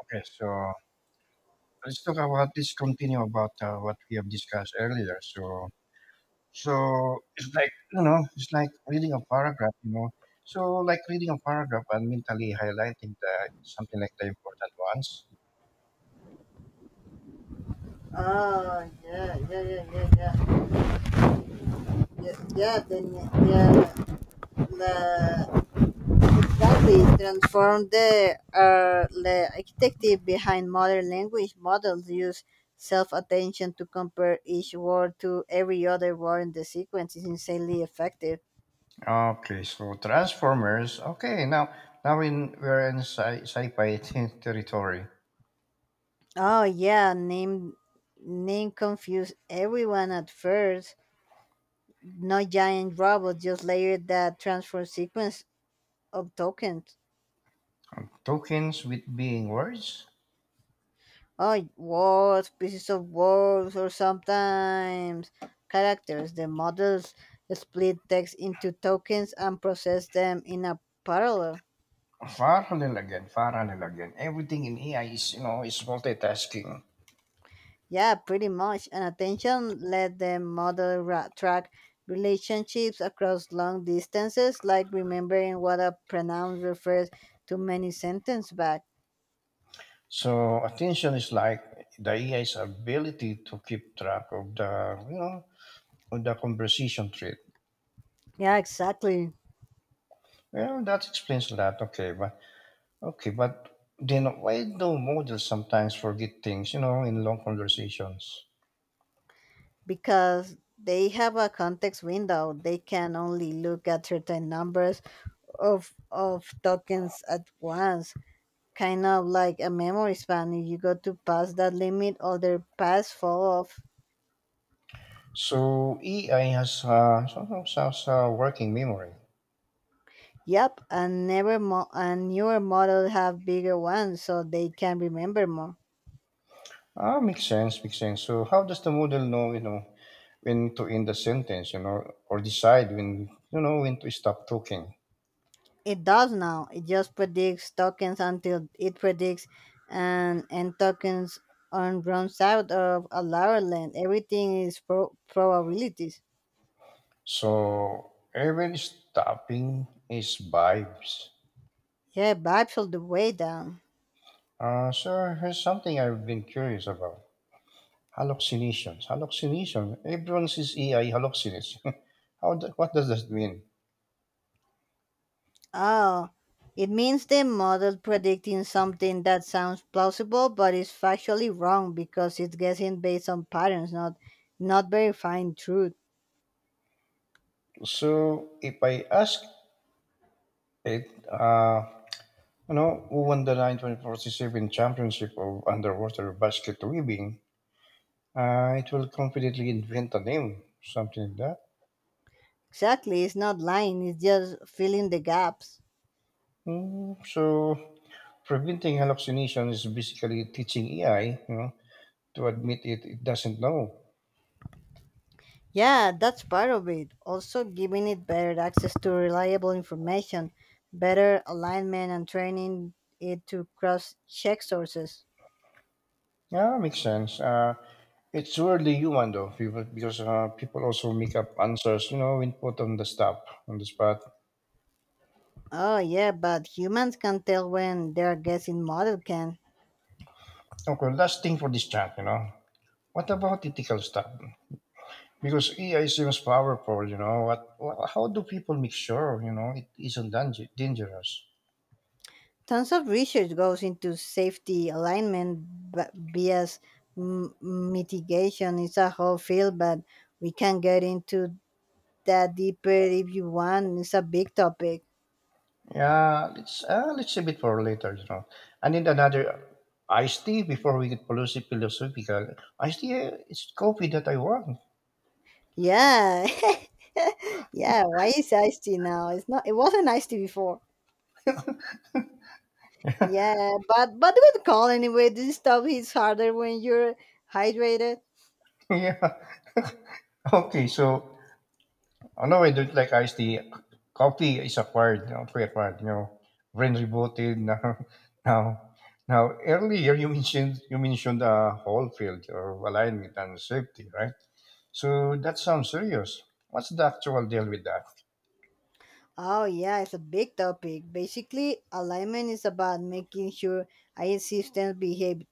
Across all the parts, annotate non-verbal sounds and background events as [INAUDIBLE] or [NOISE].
Okay, so let's continue about what we have discussed earlier. So, it's like it's like reading a paragraph. So, like reading a paragraph and mentally highlighting the something like the important ones. Oh, yeah, yeah, yeah, yeah, yeah, yeah, yeah, then, yeah, the, exactly, transform the architecture behind modern language models use self-attention to compare each word to every other word in the sequence is insanely effective. Okay, so Transformers. Okay, now in we're in sci-fi [LAUGHS] territory. Oh yeah, name confused everyone at first. No giant robots, just layered that transfer sequence of tokens. Tokens with being words. Oh, words, pieces of words, or sometimes characters. The models split text into tokens and process them in a parallel. Parallel again, parallel again. Everything in AI is you know is multitasking. Yeah, pretty much. And attention let the model track relationships across long distances, like remembering what a pronoun refers to many sentences back. So attention is like the AI's ability to keep track of the you know of the conversation thread. Yeah, exactly. Well, that explains a lot. Okay, but then why do models sometimes forget things? You know, in long conversations. Because they have a context window. They can only look at certain numbers of tokens at once. Kind of like a memory span. If you go to past that limit, other paths fall off. So AI has somehow has a working memory. Yep, and never mo- and newer models have bigger ones, so they can remember more. Ah, makes sense, makes sense. So how does the model know when to end the sentence. You know, or decide when you know when to stop talking. It does now. It just predicts tokens until it predicts and tokens on runs out of a lower land. Everything is probabilities. So every stopping is vibes. Yeah, vibes all the way down. Sir, here's something I've been curious about. Hallucinations. Hallucination. Everyone sees AI hallucinates. [LAUGHS] How? What does that mean? Oh, it means the model predicting something that sounds plausible but is factually wrong because it's guessing based on patterns, not verifying truth. So if I ask it, who won the 1947 championship of underwater basket weaving? It will confidently invent a name, something like that. Exactly, it's not lying. It's just filling the gaps. Hmm, so preventing hallucination is basically teaching AI, you know, to admit it doesn't know. Yeah, that's part of it. Also, giving it better access to reliable information, better alignment, and training it to cross check sources. Yeah, makes sense. It's really human though, people, because people also make up answers, you know, when put on the spot. Oh yeah, but humans can tell when their guessing model can. Okay, last thing for this chat, you know, what about ethical stuff? Because AI seems powerful, you know. How do people make sure, you know, it isn't dangerous? Tons of research goes into safety alignment, but bias mitigation is a whole field, but we can get into that deeper if you want. It's a big topic. Yeah, let's save it for later, you know. And then another iced tea before we get policy philosophical. Iced tea is coffee that I want. Yeah. [LAUGHS] Yeah, why is iced tea now? It's not. It wasn't iced tea before. Yeah, but good call anyway. This stuff hits harder when you're hydrated. [LAUGHS] Yeah. Okay, so no, I don't like iced tea. Coffee is acquired, you know, pre-acquired, you know, brain rebooted [LAUGHS] now. Now, now, earlier you mentioned a whole field or alignment and safety, right? So that sounds serious. What's the actual deal with that? Oh yeah, it's a big topic. Basically, alignment is about making sure our systems behave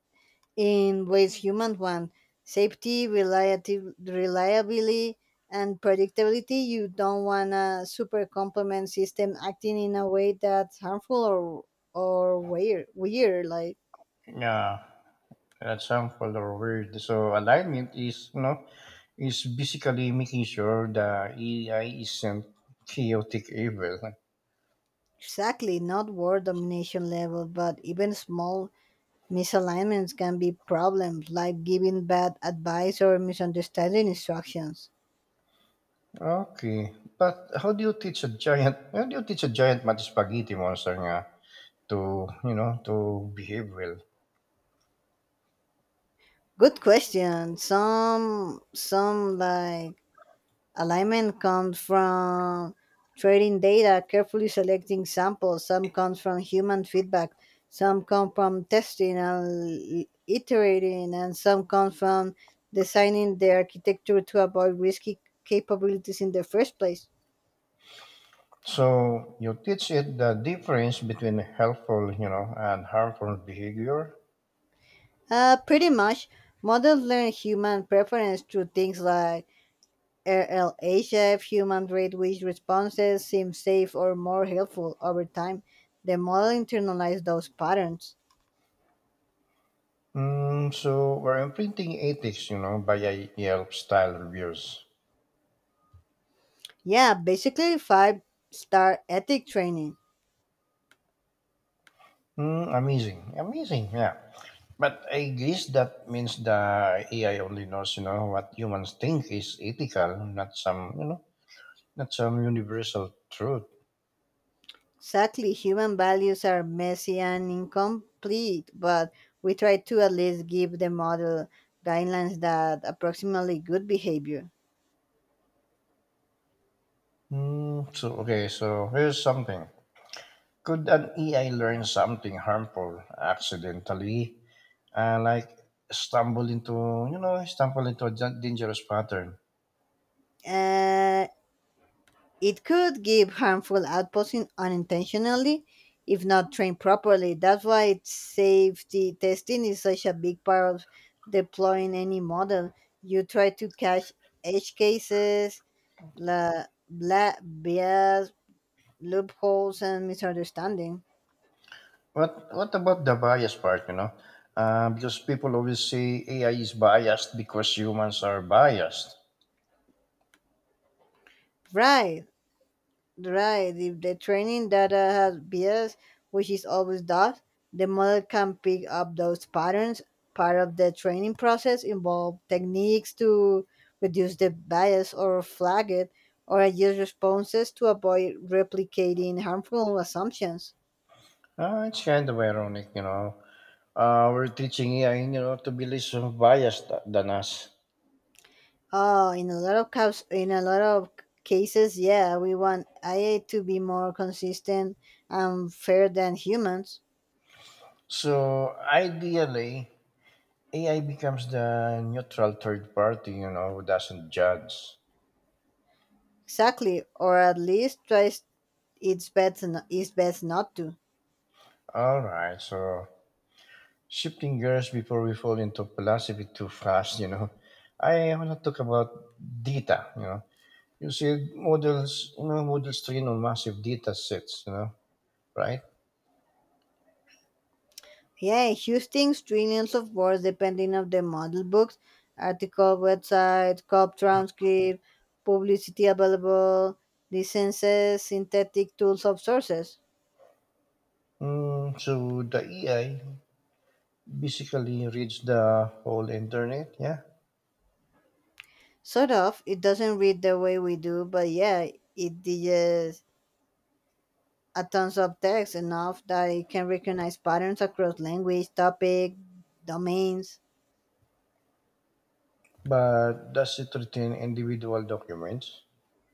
in ways human want. Safety, reliability and predictability. You don't want a super complement system acting in a way that's harmful or weird. Weird, like Yeah, that sounds full of weird. So alignment is basically making sure the AI isn't chaotic evil. exactly not world domination level, but even small misalignments can be problems, like giving bad advice or misunderstanding instructions. Okay, but how do you teach a giant? How do you teach a giant mud spaghetti monster nga to behave well? Good question. Some like alignment comes from trading data, carefully selecting samples. Some comes from human feedback. Some come from testing and iterating, and some come from designing the architecture to avoid risky capabilities in the first place. So you teach it the difference between helpful, you know, and harmful behavior. Pretty much, models learn human preference through things like RLHF, human rate which responses seem safe or more helpful over time. The model internalizes those patterns. Mm, so we're imprinting ethics, you know, by a Yelp style reviews. Yeah, basically five-star ethic training. Mm, amazing, amazing, yeah. But I guess that means the AI only knows, you know, what humans think is ethical, not some universal truth. Exactly, human values are messy and incomplete, but we try to at least give the model guidelines that approximately good behavior. Mm, so okay, so here's something. Could an AI learn something harmful accidentally? Like stumble into stumble into a dangerous pattern. Uh, it could give harmful outposting unintentionally if not trained properly. That's why it's safety testing is such a big part of deploying any model. You try to catch edge cases, la, bla, bias, loopholes and misunderstanding. What about the bias part? You know, because people always say AI is biased because humans are biased. Right, right. If the training data has bias, which is always does, the model can pick up those patterns. Part of the training process involve techniques to reduce the bias or flag it, or adjust responses to avoid replicating harmful assumptions. It's kind of ironic, you know. We're teaching AI, you know, to be less biased than us. Oh, in a lot of cases, yeah, we want AI to be more consistent and fair than humans. So ideally, AI becomes the neutral third party, you know, who doesn't judge. Exactly, or at least tries its best, its best not to. All right, so shifting gears before we fall into philosophy too fast, you know, [LAUGHS] I want to talk about data, you know. You see models train on massive data sets, you know, right? Yeah, Houston's trillions of words depending on the model books, article, website, cop transcript, publicity available, licenses, synthetic tools of sources. Mm, so the AI basically reads the whole internet, yeah, Sort of, it doesn't read the way we do, but yeah, it digests a tons of text enough that it can recognize patterns across language, topic, domains. but does it retain individual documents?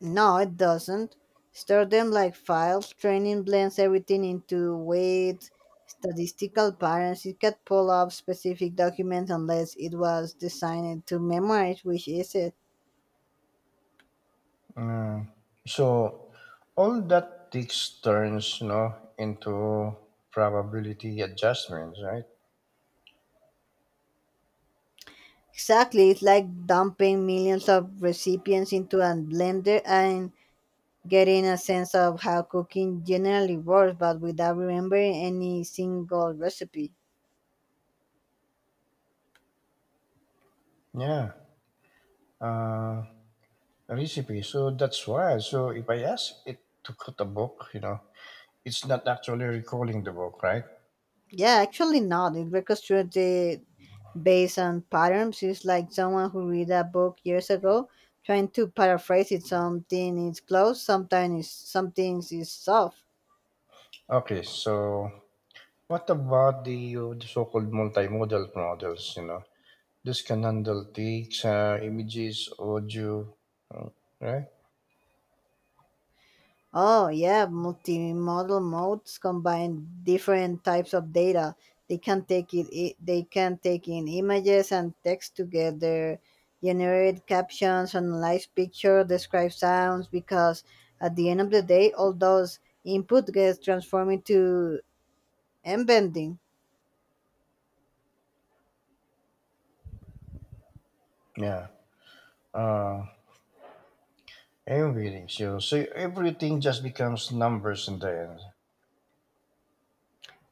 No, it doesn't. Store them like files. Training blends everything into weights, statistical patterns. It can pull up specific documents unless it was designed to memorize, which is it. Yeah. So all that takes turns, you know, into probability adjustments, right? Exactly, it's like dumping millions of recipients into a blender and getting a sense of how cooking generally works, but without remembering any single recipe. Yeah. Uh, Recipe. So that's why. So if I ask it to cut a book, you know, it's not actually recalling the book, right? Yeah, actually not. It reconstructs the based on patterns. It's like someone who read a book years ago, trying to paraphrase it. Something is close, sometimes it's, some things is soft. Okay. So what about the so-called multimodal models? You know, this can handle text, images, audio, uh, right? Oh yeah, multimodal modes combine different types of data. They can take in images and text together, generate captions, analyze picture, describe sounds because at the end of the day all those input gets transformed into embedding. Yeah. Uh, I'm really sure. So everything just becomes numbers in the end.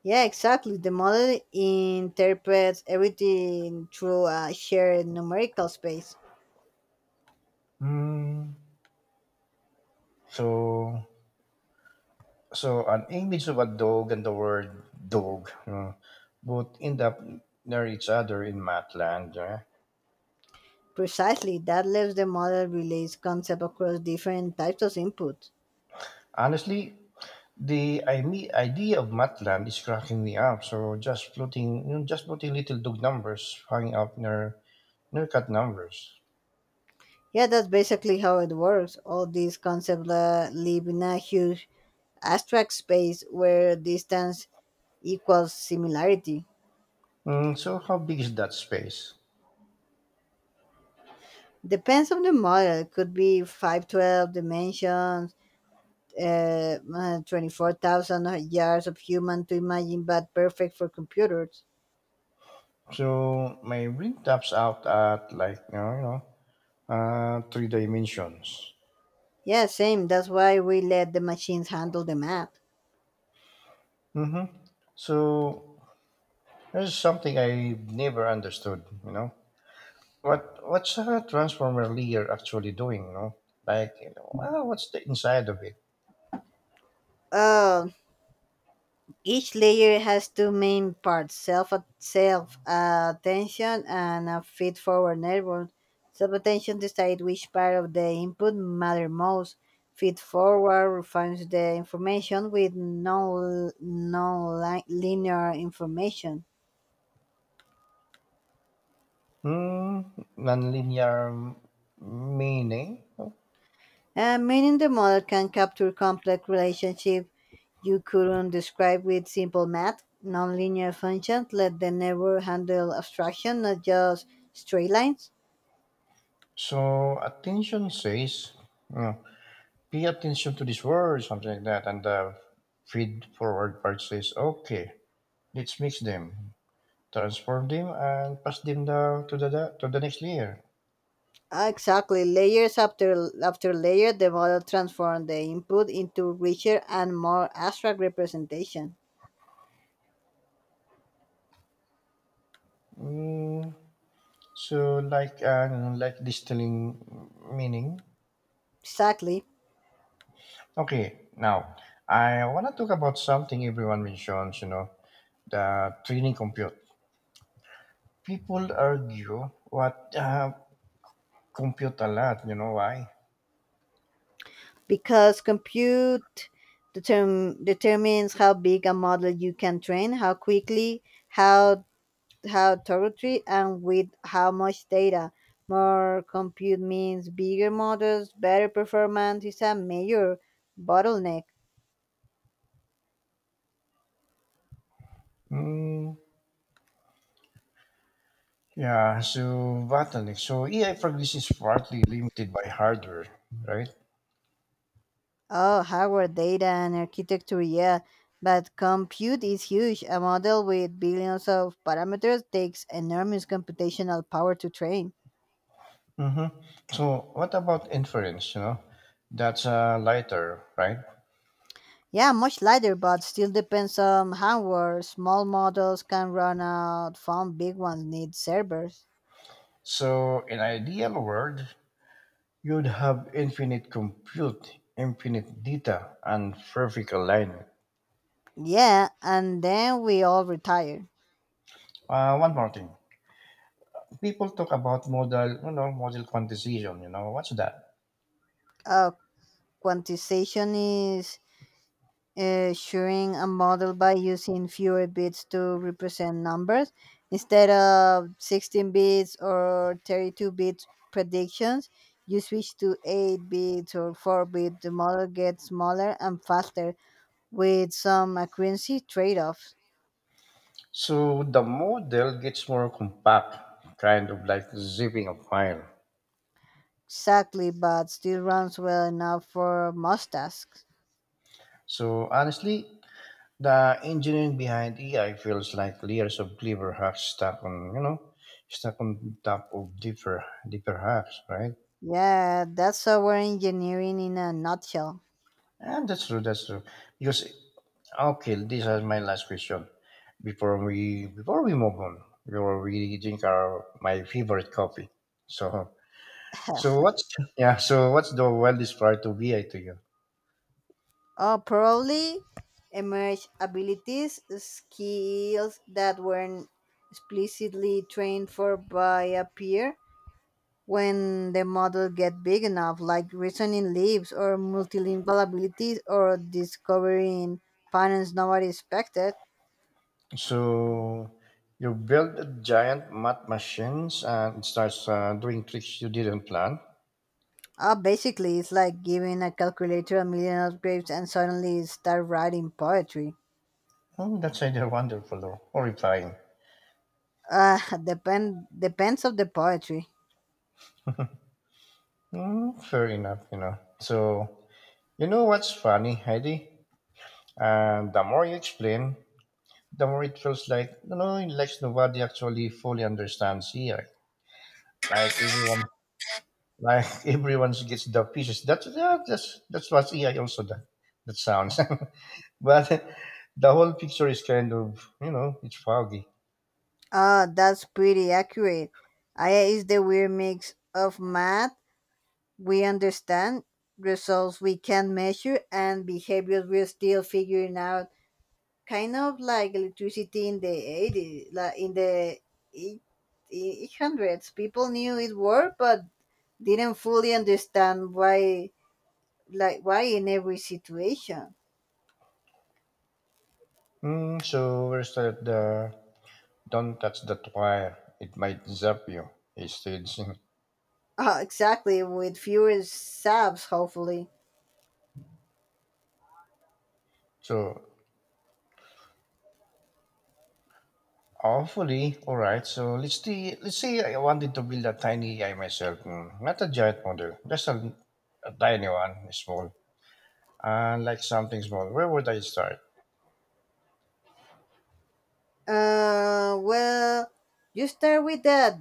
Yeah, exactly. The model interprets everything through a shared numerical space. Hmm. So, so, an image of a dog and the word dog, both end up near each other in Matland. Yeah. Precisely, that lets the model relay concept across different types of input. Honestly, the idea of Matland is cracking me up. So just floating, you know, just floating little dog numbers hanging up near cat numbers. Yeah, that's basically how it works. All these concepts live in a huge abstract space where distance equals similarity. Hmm. So how big is that space? Depends on the model. It could be 512 dimensions, 24,000 yards of human to imagine, but perfect for computers. So my brain taps out at like three dimensions. Yeah, same. That's why we let the machines handle the math. Mm-hmm. So there's something I never understood. You know what? What's a transformer layer actually doing? You know, what's the inside of it? Oh, each layer has two main parts: self attention and a feed forward network. Self attention decides which part of the input matter most. Feed forward refines the information with no linear information, Hmm. Nonlinear meaning. Meaning the model can capture complex relationships you couldn't describe with simple math. Nonlinear functions let the network handle abstraction, not just straight lines. So attention says, you know, pay attention to this word, something like that, and the feed forward part says, okay, let's mix them, transform them, and pass them down to the next layer. Ah, exactly. Layers after layer, the model transforms the input into richer and more abstract representation. Mm, so like distilling meaning. Exactly. Okay, now I want to talk about something everyone mentions. You know, the training compute. People argue what compute a lot. You know why? Because compute determines how big a model you can train, how quickly, how how thoroughly, and with how much data. More compute means bigger models, better performance is a major bottleneck. Mm, yeah. So bottleneck. So AI progress is partly limited by hardware, right? Oh, hardware, data, and architecture, yeah. But compute is huge. A model with billions of parameters takes enormous computational power to train. Mm-hmm. So what about inference? You know, that's lighter, right? Yeah, much lighter, but still depends on hardware. Small models can run out, fun big ones need servers. So in ideal world, you'd have infinite compute, infinite data, and perfect alignment. Yeah, and then we all retire. One more thing. People talk about model quantization, you know, what's that? Uh, Quantization is showing a model by using fewer bits to represent numbers instead of 16 bits or 32 bit predictions you switch to 8 bits or 4 bit the model gets smaller and faster with some accuracy trade-offs So the model gets more compact, kind of like zipping a file. exactly but still runs well enough for most tasks So honestly, the engineering behind AI feels like layers of clever hacks stuck on top of deeper, deeper hacks, right? yeah that's our engineering in a nutshell. And that's true, that's true. Because Okay, this is my last question. Before we move on, before we drink our my favorite coffee. So [LAUGHS] so, what's the wildest prior to VI to you? Probably emerge abilities, skills that weren't explicitly trained for by a peer when the model get big enough, like reasoning leaps or multilingual abilities or discovering patterns nobody expected. So you build a giant math machines and it starts doing tricks you didn't plan. Basically, it's like giving a calculator a million upgrades and suddenly start writing poetry. Oh, that's either wonderful or horrifying. Uh, [LAUGHS] depends of the poetry. Hmm, fair enough, you know. So you know what's funny, Heidi? And the more you explain, the more it feels like nobody actually fully understands AI. Like everyone, like [LAUGHS] everyone gets the pieces. That's what AI also that sounds. [LAUGHS] But the whole picture is kind of, you know, it's foggy. Ah, that's pretty accurate. AI is the weird mix of math we understand, results we can't measure, and behaviors we're still figuring out. Kind of like electricity in the 80s, like in the eight- eight hundreds. People knew it worked, but didn't fully understand why, like why in every situation. Mm, so where's that the don't touch that wire? It might zap you. It states. [LAUGHS] Ah, exactly. With fewer subs, hopefully. So Hopefully. All right. So let's see. Let's say I wanted to build a tiny AI myself, not a giant model, just a tiny one, small, and like something small. Where would I start? Well, you start with that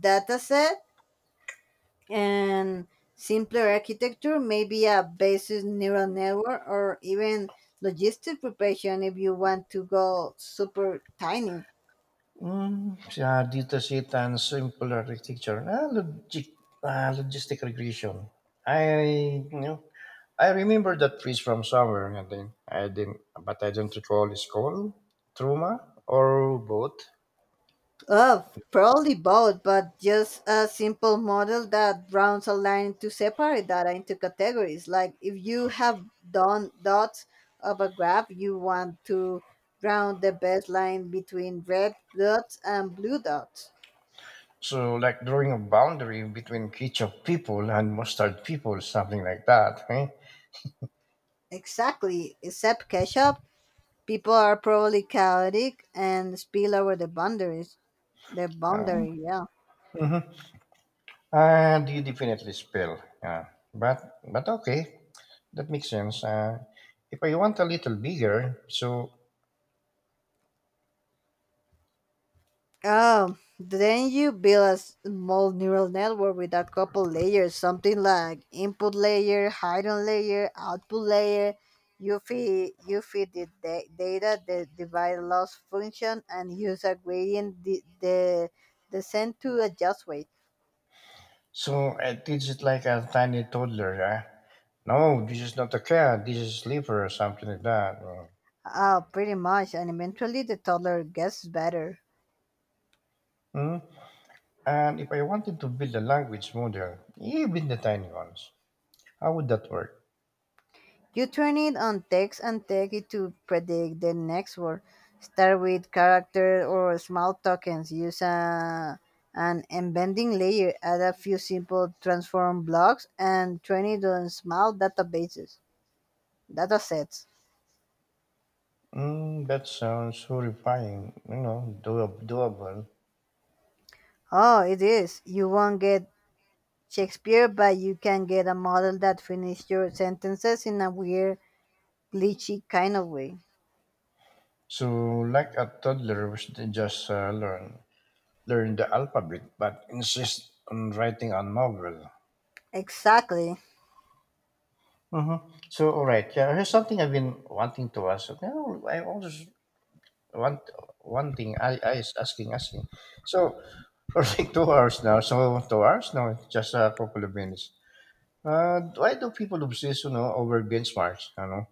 dataset and simpler architecture, maybe a basis neural network or even logistic preparation if you want to go super tiny. Mm, yeah, data sheet and simple architecture. Ah, logistic regression. I, you know, I remember that piece from somewhere, and then I didn't, but I don't recall. It's called trauma or both. Oh, probably both, but just a simple model that rounds a line to separate data into categories. Like if you have done dots of a graph, you want to round the baseline between red dots and blue dots. So, like drawing a boundary between ketchup people and mustard people, something like that. Eh? Exactly, except ketchup people are probably chaotic and spill over the boundaries. The Uh, boundary, yeah. and you definitely spill. Yeah. But okay, that makes sense. If I want a little bigger, so Oh, then you build a small neural network with a couple layers, something like input layer, hidden layer, output layer. You feed the data, the divide loss function, and use a gradient de- the descent to adjust weight. so I teach it like a tiny toddler. Yeah. No, this is not a cat. This is liver or something like that. Mm. Pretty much, and eventually the toddler gets better. Mm. And if I wanted to build a language model, even the tiny ones, how would that work? You train it on text and take it to predict the next word. Start with character or small tokens. Use a, an embedding layer. Add a few simple transform blocks and train it on datasets. Mm, that sounds horrifying, you know, doable. Oh, it is. You won't get Shakespeare, but you can get a model that finishes your sentences in a weird, glitchy kind of way. So, like a toddler, they just learn the alphabet, but insist on writing a novel. Exactly. Mm-hmm. So, all right, yeah, here's something I've been wanting to ask. You know, I always want one thing. I is asking, asking. So, [LAUGHS] for like 2 hours now. So, 2 hours now, just a couple of minutes. Why do people obsess, you know, over benchmarks? You know?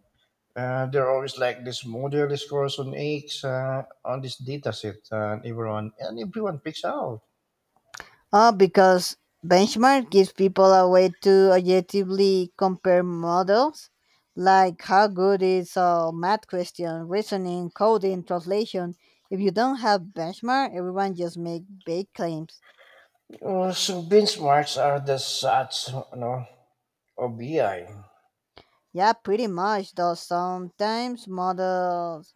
There are always like this model scores on X on this dataset, and everyone picks out. Because benchmark gives people a way to objectively compare models, like how good is a math question, reasoning, coding, translation. If you don't have benchmark, everyone just make big claims. So benchmarks are the sats, you know, or BI. Yeah, pretty much. Though sometimes models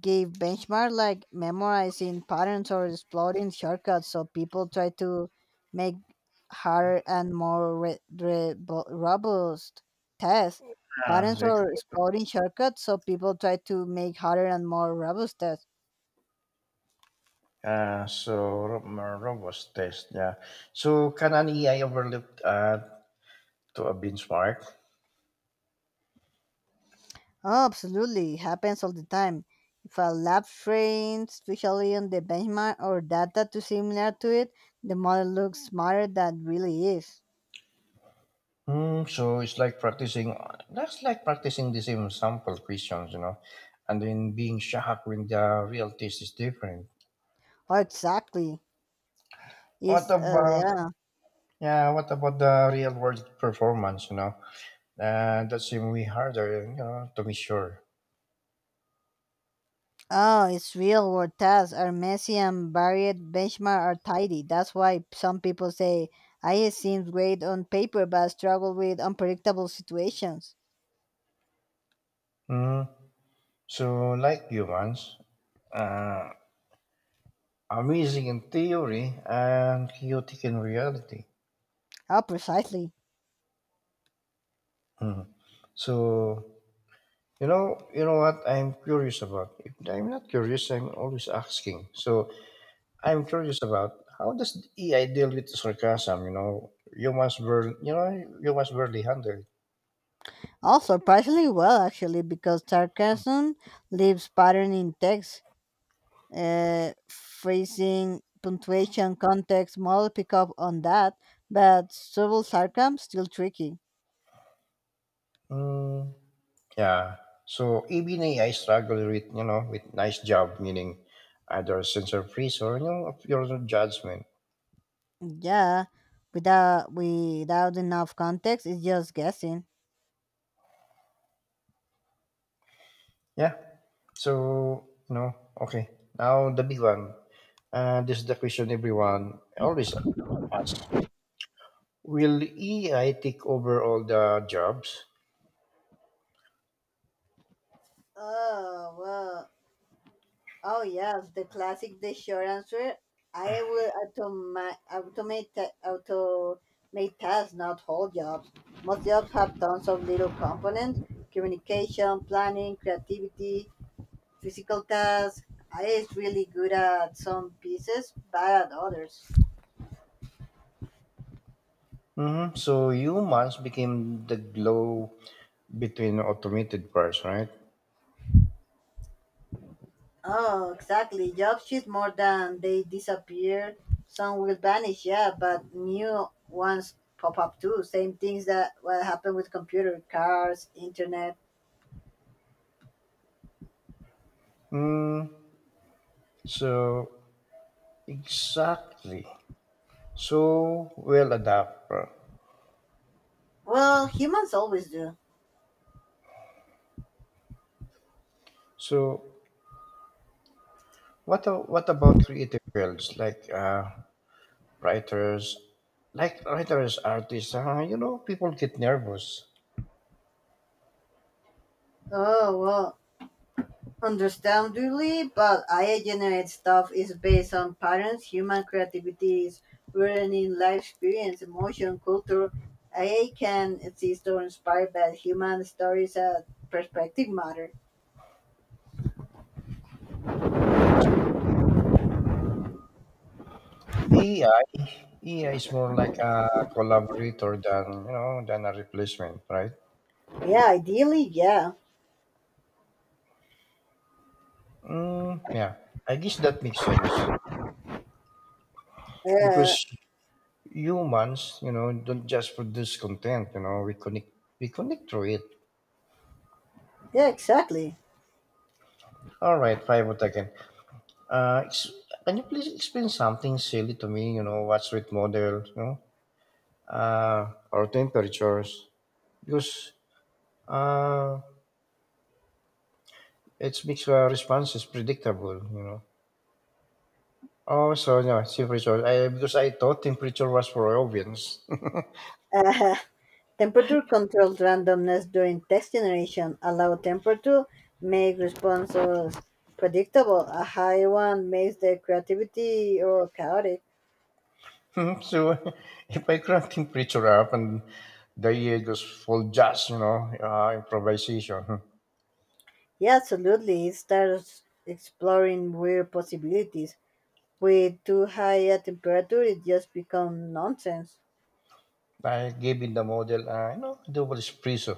give benchmark like memorizing patterns or exploring shortcuts so people try to make harder and more robust tests Ah, patterns or exploring shortcuts so people try to make harder and more robust tests. uh, so more robust test. Yeah. So can an AI overlook to a benchmark? Oh, absolutely. It happens all the time if a lab trains especially on the benchmark or data too similar to it the model looks smarter than it really is. Hmm. So it's like practicing. That's like practicing the same sample questions, you know, and then being shocked when the real test is different. Oh exactly, What it's about yeah. Yeah, what about the real world performance, you know? That's even way harder, you know, to be sure. Oh, it's real world tasks are messy and varied. Benchmark are tidy. That's why some people say I seems great on paper but struggle with unpredictable situations. Mm. So, like humans, uh, amazing in theory and chaotic in reality. How precisely. Mhm. So, you know what I'm curious about? If I'm not curious, I'm always asking. So, I'm curious about how does the AI deal with sarcasm, you know? Humans barely handle it. Oh, surprisingly well actually, because sarcasm leaves pattern in text, phrasing, punctuation, context. Model pick up on that, but subtle sarcasm still tricky. Mm. Yeah. So even AI struggle with you know with nice job meaning either sensor freeze or of your judgment. Yeah, without enough context, it's just guessing. Yeah. So, okay, now the big one. This is the question everyone always asks: Will AI take over all the jobs? Oh well. Oh yes, the classic. The short answer. I will automate tasks, not whole jobs. Most jobs have tons of little components: communication, planning, creativity, physical tasks. I is really good at some pieces, bad at others. Hmm. So humans became the glow between automated parts, right? Oh, exactly. Jobs shift more than they disappear. Some will vanish, yeah, but new ones pop up too. Same things that what happened with computer, cars, internet. Mm, so exactly. So well adapt. Well, humans always do. So what about creative fields like writers, artists? You know, people get nervous. Oh well, understandably, but AI generate stuff is based on patterns. Human creativity is rooted in life experience, emotion, culture. AI can exist or inspired by human stories and perspective matter. So AI, AI is more like a collaborator than you know than a replacement, right? Yeah, ideally, yeah. Mm, yeah, I guess that makes sense Uh, because humans, you know, don't just produce content. You know, we connect through it. yeah, exactly. All right, five again. Uh, ex- can you please explain something silly to me? You know, what's with models, you know, or temperatures? Because uh, it makes responses predictable, you know. Oh, so yeah, temperature. Because I thought temperature was for ovens. Uh, [LAUGHS] temperature controlled randomness during text generation allow temperature make responses predictable. A high one makes the creativity or chaotic. [LAUGHS] So if I crank temperature up and they just full jazz, you know, improvisation. [LAUGHS] Yeah, absolutely. It starts exploring weird possibilities. With too high a temperature, it just becomes nonsense. I gave in the model, you know, double espresso.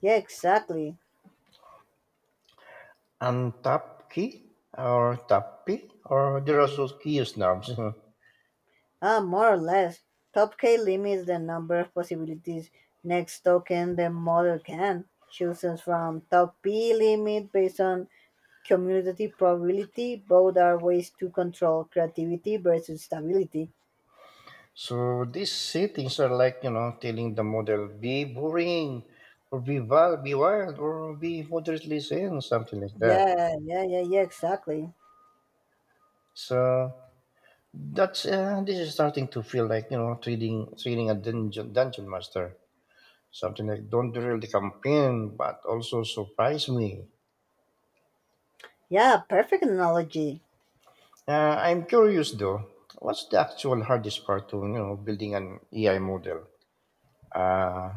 Yeah, exactly. Untap key or tap key or there are also Kyivsnabs. Ah, more or less. Top K limits the number of possibilities next token the model can chooses from. Top P limit based on commutative probability. Both are ways to control creativity versus stability. [LAUGHS] So these settings are like, you know, telling the model, be boring or be wild or be moderately zen, something like that. Yeah, exactly. So that's this is starting to feel like trading a dungeon master, something like don't drill the campaign but also surprise me. Yeah, perfect analogy. I'm curious though, what's the actual hardest part to building an AI model? Uh,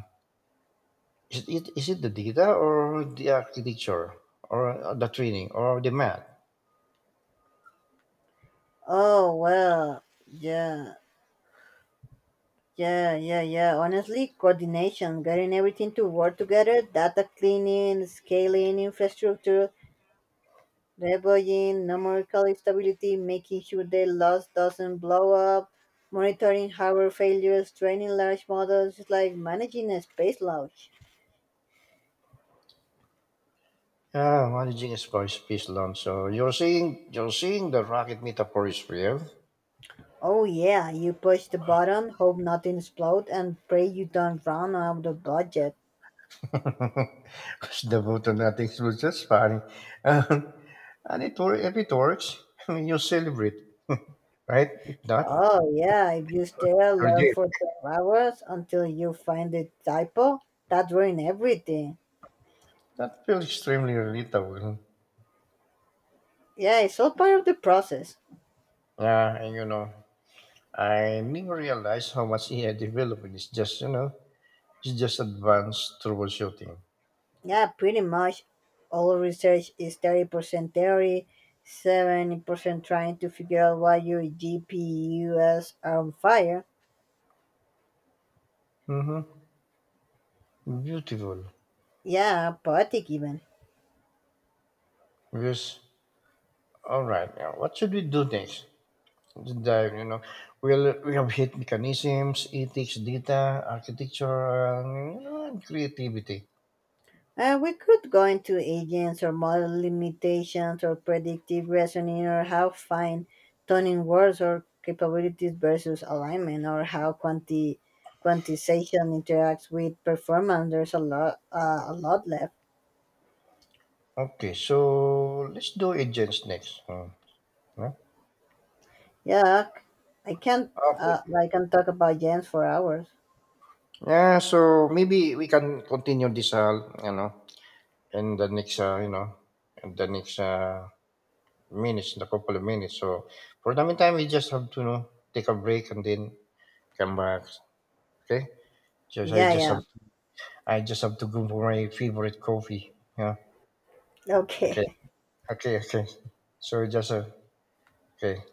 is it the data or the architecture or the training or the math? Oh, well, yeah, yeah. Honestly, coordination, getting everything to work together, data cleaning, scaling, infrastructure, deploying numerical stability, making sure the loss doesn't blow up, monitoring hardware failures, training large models, it's like managing a space launch. Yeah, managing a space launch. So you're saying the rocket metaphor is real? [LAUGHS] Oh yeah, you push the button, hope nothing explodes, and pray you don't run out of budget. Because the button nothing was just funny, [LAUGHS] Um, and it works. If it works, [LAUGHS] you celebrate, right? If not, Oh yeah, if you stare at you're love dead. for 12 hours until you find the typo, that ruin everything. That feels extremely relatable. Yeah, it's all part of the process. Yeah, and you know, I never realized how much AI development is just you know, it's just advanced troubleshooting. Yeah, pretty much all research is 30% theory, 70% trying to figure out why your GPUs are on fire. Mm-hmm. Beautiful. Yeah, poetic even. Yes. All right. Now, what should we do next? To dive, you know, we have hit mechanisms, ethics, data, architecture, and creativity. We could go into agents or model limitations or predictive reasoning or how fine tuning words or capabilities versus alignment or how quantization interacts with performance. There's a lot left. Okay, so let's do agents next. Hmm, no? Yeah, I can not Okay. I can talk about Jens for hours. Yeah, so maybe we can continue this, you know, in the next, uh, you know, in the next uh, in a couple of minutes. So for the meantime, we just have to, you know, take a break and then come back. Okay? Just I Yeah, just yeah. have I just have to go for my favorite coffee. Yeah. Okay. Okay. Okay. Okay. So, just a okay.